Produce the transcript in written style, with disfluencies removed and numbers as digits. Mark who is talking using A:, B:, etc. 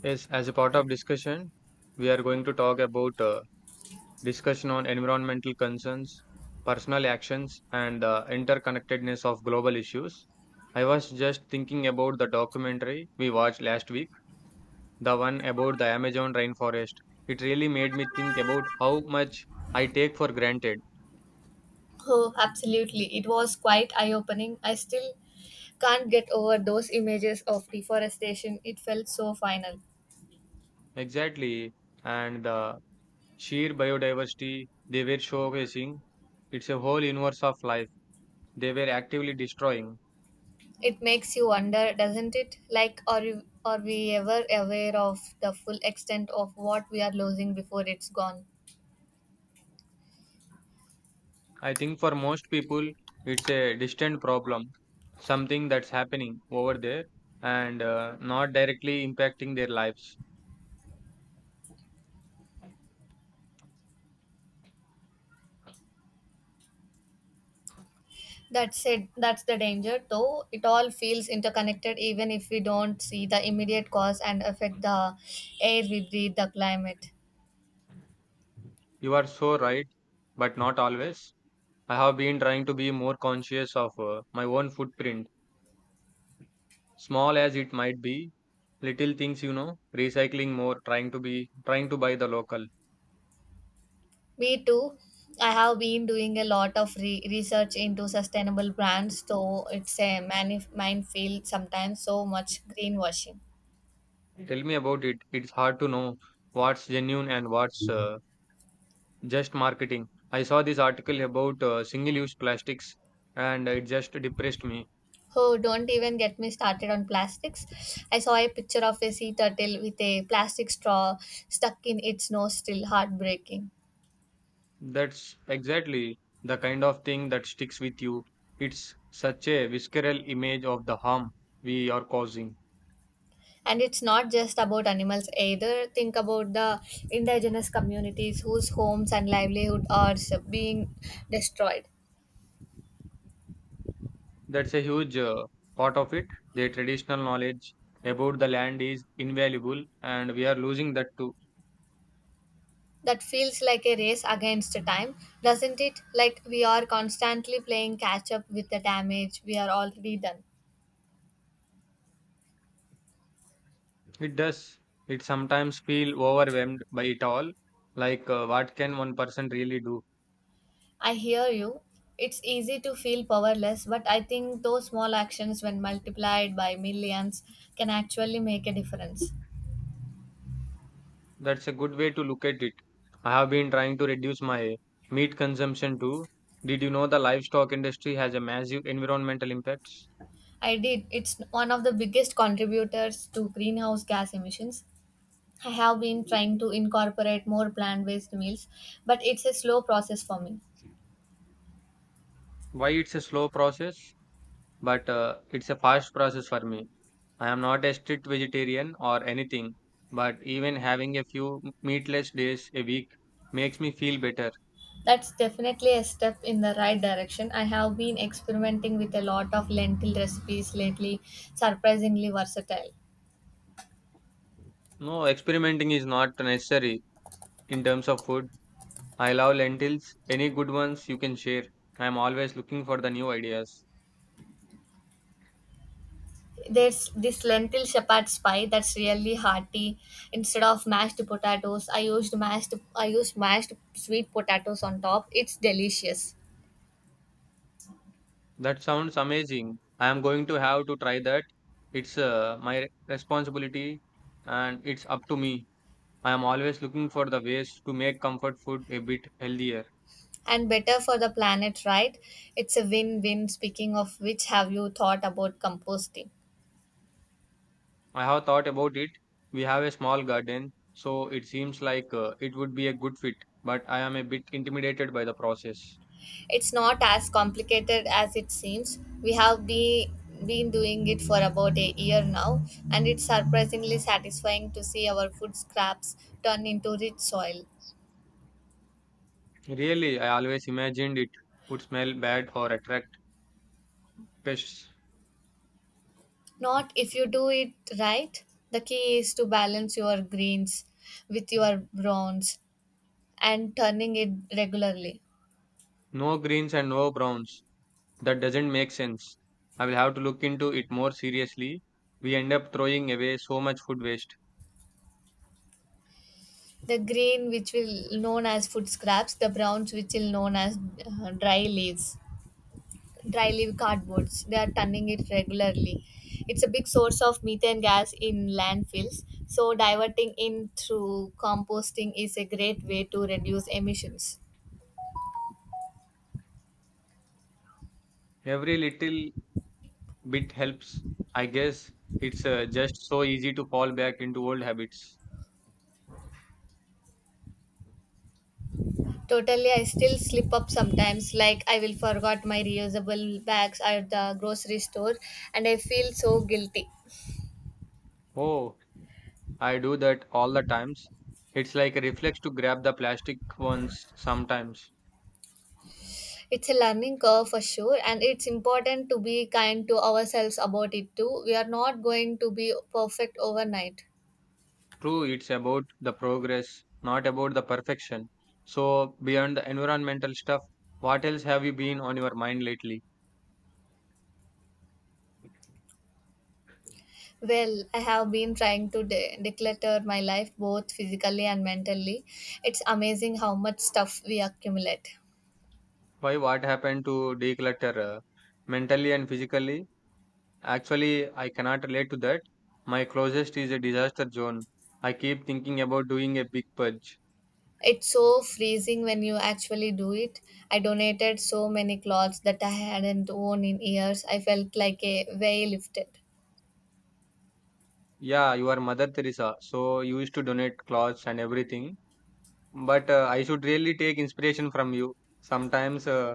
A: Yes, as a part of discussion, we are going to talk about discussion on environmental concerns, personal actions, and the interconnectedness of global issues. I was just thinking about the documentary we watched last week, the one about the Amazon rainforest. It really made me think about how much I take for granted.
B: Oh, absolutely. It was quite eye opening. I still can't get over those images of deforestation. It felt so final.
A: Exactly, and the sheer biodiversity they were showcasing, it's a whole universe of life they were actively destroying.
B: It makes you wonder, doesn't it? Like, are we ever aware of the full extent of what we are losing before it's gone?
A: I think for most people, it's a distant problem, something that's happening over there and not directly impacting their lives.
B: That said, that's the danger, though it all feels interconnected even if we don't see the immediate cause and affect the air we breathe, the climate.
A: You are so right, but not always. I have been trying to be more conscious of my own footprint, small as it might be, little things, you know, recycling more, trying to buy the local.
B: Me too. I have been doing a lot of research into sustainable brands, so it's a minefield sometimes, so much greenwashing.
A: Tell me about it. It's hard to know what's genuine and what's just marketing. I saw this article about single use plastics and it just depressed me.
B: Oh, don't even get me started on plastics. I saw a picture of a sea turtle with a plastic straw stuck in its nose, still heartbreaking.
A: That's exactly the kind of thing that sticks with you. It's such a visceral image of the harm we are causing.
B: And it's not just about animals either. Think about the indigenous communities whose homes and livelihood are being destroyed.
A: That's a huge part of it. The traditional knowledge about the land is invaluable and we are losing that too.
B: That feels like a race against time, doesn't it? Like we are constantly playing catch up with the damage we are already done.
A: It does. It sometimes feel overwhelmed by it all. Like, what can one person really do?
B: I hear you. It's easy to feel powerless, but I think those small actions, when multiplied by millions, can actually make a difference.
A: That's a good way to look at it. I have been trying to reduce my meat consumption too. Did you know the livestock industry has a massive environmental impacts?
B: I did. It's one of the biggest contributors to greenhouse gas emissions. I have been trying to incorporate more plant based meals, but it's a slow process for me.
A: Why it's a slow process, but it's a fast process for me. I am not a strict vegetarian or anything, but even having a few meatless days a week makes me feel better.
B: That's definitely a step in the right direction. I have been experimenting with a lot of lentil recipes lately, surprisingly versatile.
A: No, experimenting is not necessary in terms of food. I love lentils. Any good ones you can share. I am always looking for the new ideas.
B: There's this lentil shepherd's pie that's really hearty. Instead of mashed potatoes, I used mashed sweet potatoes on top. It's delicious
A: That sounds amazing. I am going to have to try that. It's my responsibility and it's up to me. I am always looking for the ways to make comfort food a bit healthier.
B: and better for the planet, right? It's a win-win. Speaking of which, have you thought about composting?
A: I have thought about it. We have a small garden, so it seems like it would be a good fit, but I am a bit intimidated by the process.
B: It's not as complicated as it seems. We have been doing it for about a year now, and it's surprisingly satisfying to see our food scraps turn into rich soil.
A: Really, I always imagined it would smell bad or attract pests.
B: Not if you do it right. The key is to balance your greens with your browns and turning it regularly.
A: No greens and no browns. That doesn't make sense. I will have to look into it more seriously. We end up throwing away so much food waste.
B: The green, which will known as food scraps, the browns, which will known as dry leaves dry leaf cardboards. They are turning it regularly. It's a big source of methane gas in landfills. So diverting in through composting is a great way to reduce emissions.
A: Every little bit helps. I guess it's just so easy to fall back into old habits.
B: Totally, I still slip up sometimes. Like I will forgot my reusable bags at the grocery store, and I feel so guilty.
A: Oh, I do that all the times. It's like a reflex to grab the plastic ones sometimes.
B: It's a learning curve for sure, and it's important to be kind to ourselves about it too. We are not going to be perfect overnight.
A: True, it's about the progress, not about the perfection. So, beyond the environmental stuff, what else have you been on your mind lately?
B: Well, I have been trying to declutter my life both physically and mentally. It's amazing how much stuff we accumulate.
A: Why? What happened to declutter mentally and physically? Actually, I cannot relate to that. My closest is a disaster zone. I keep thinking about doing a big purge.
B: It's so freezing when you actually do it. I donated so many clothes that I hadn't worn in years. I felt like a weight lifted.
A: Yeah, you are Mother Teresa, so you used to donate clothes and everything. But I should really take inspiration from you. Sometimes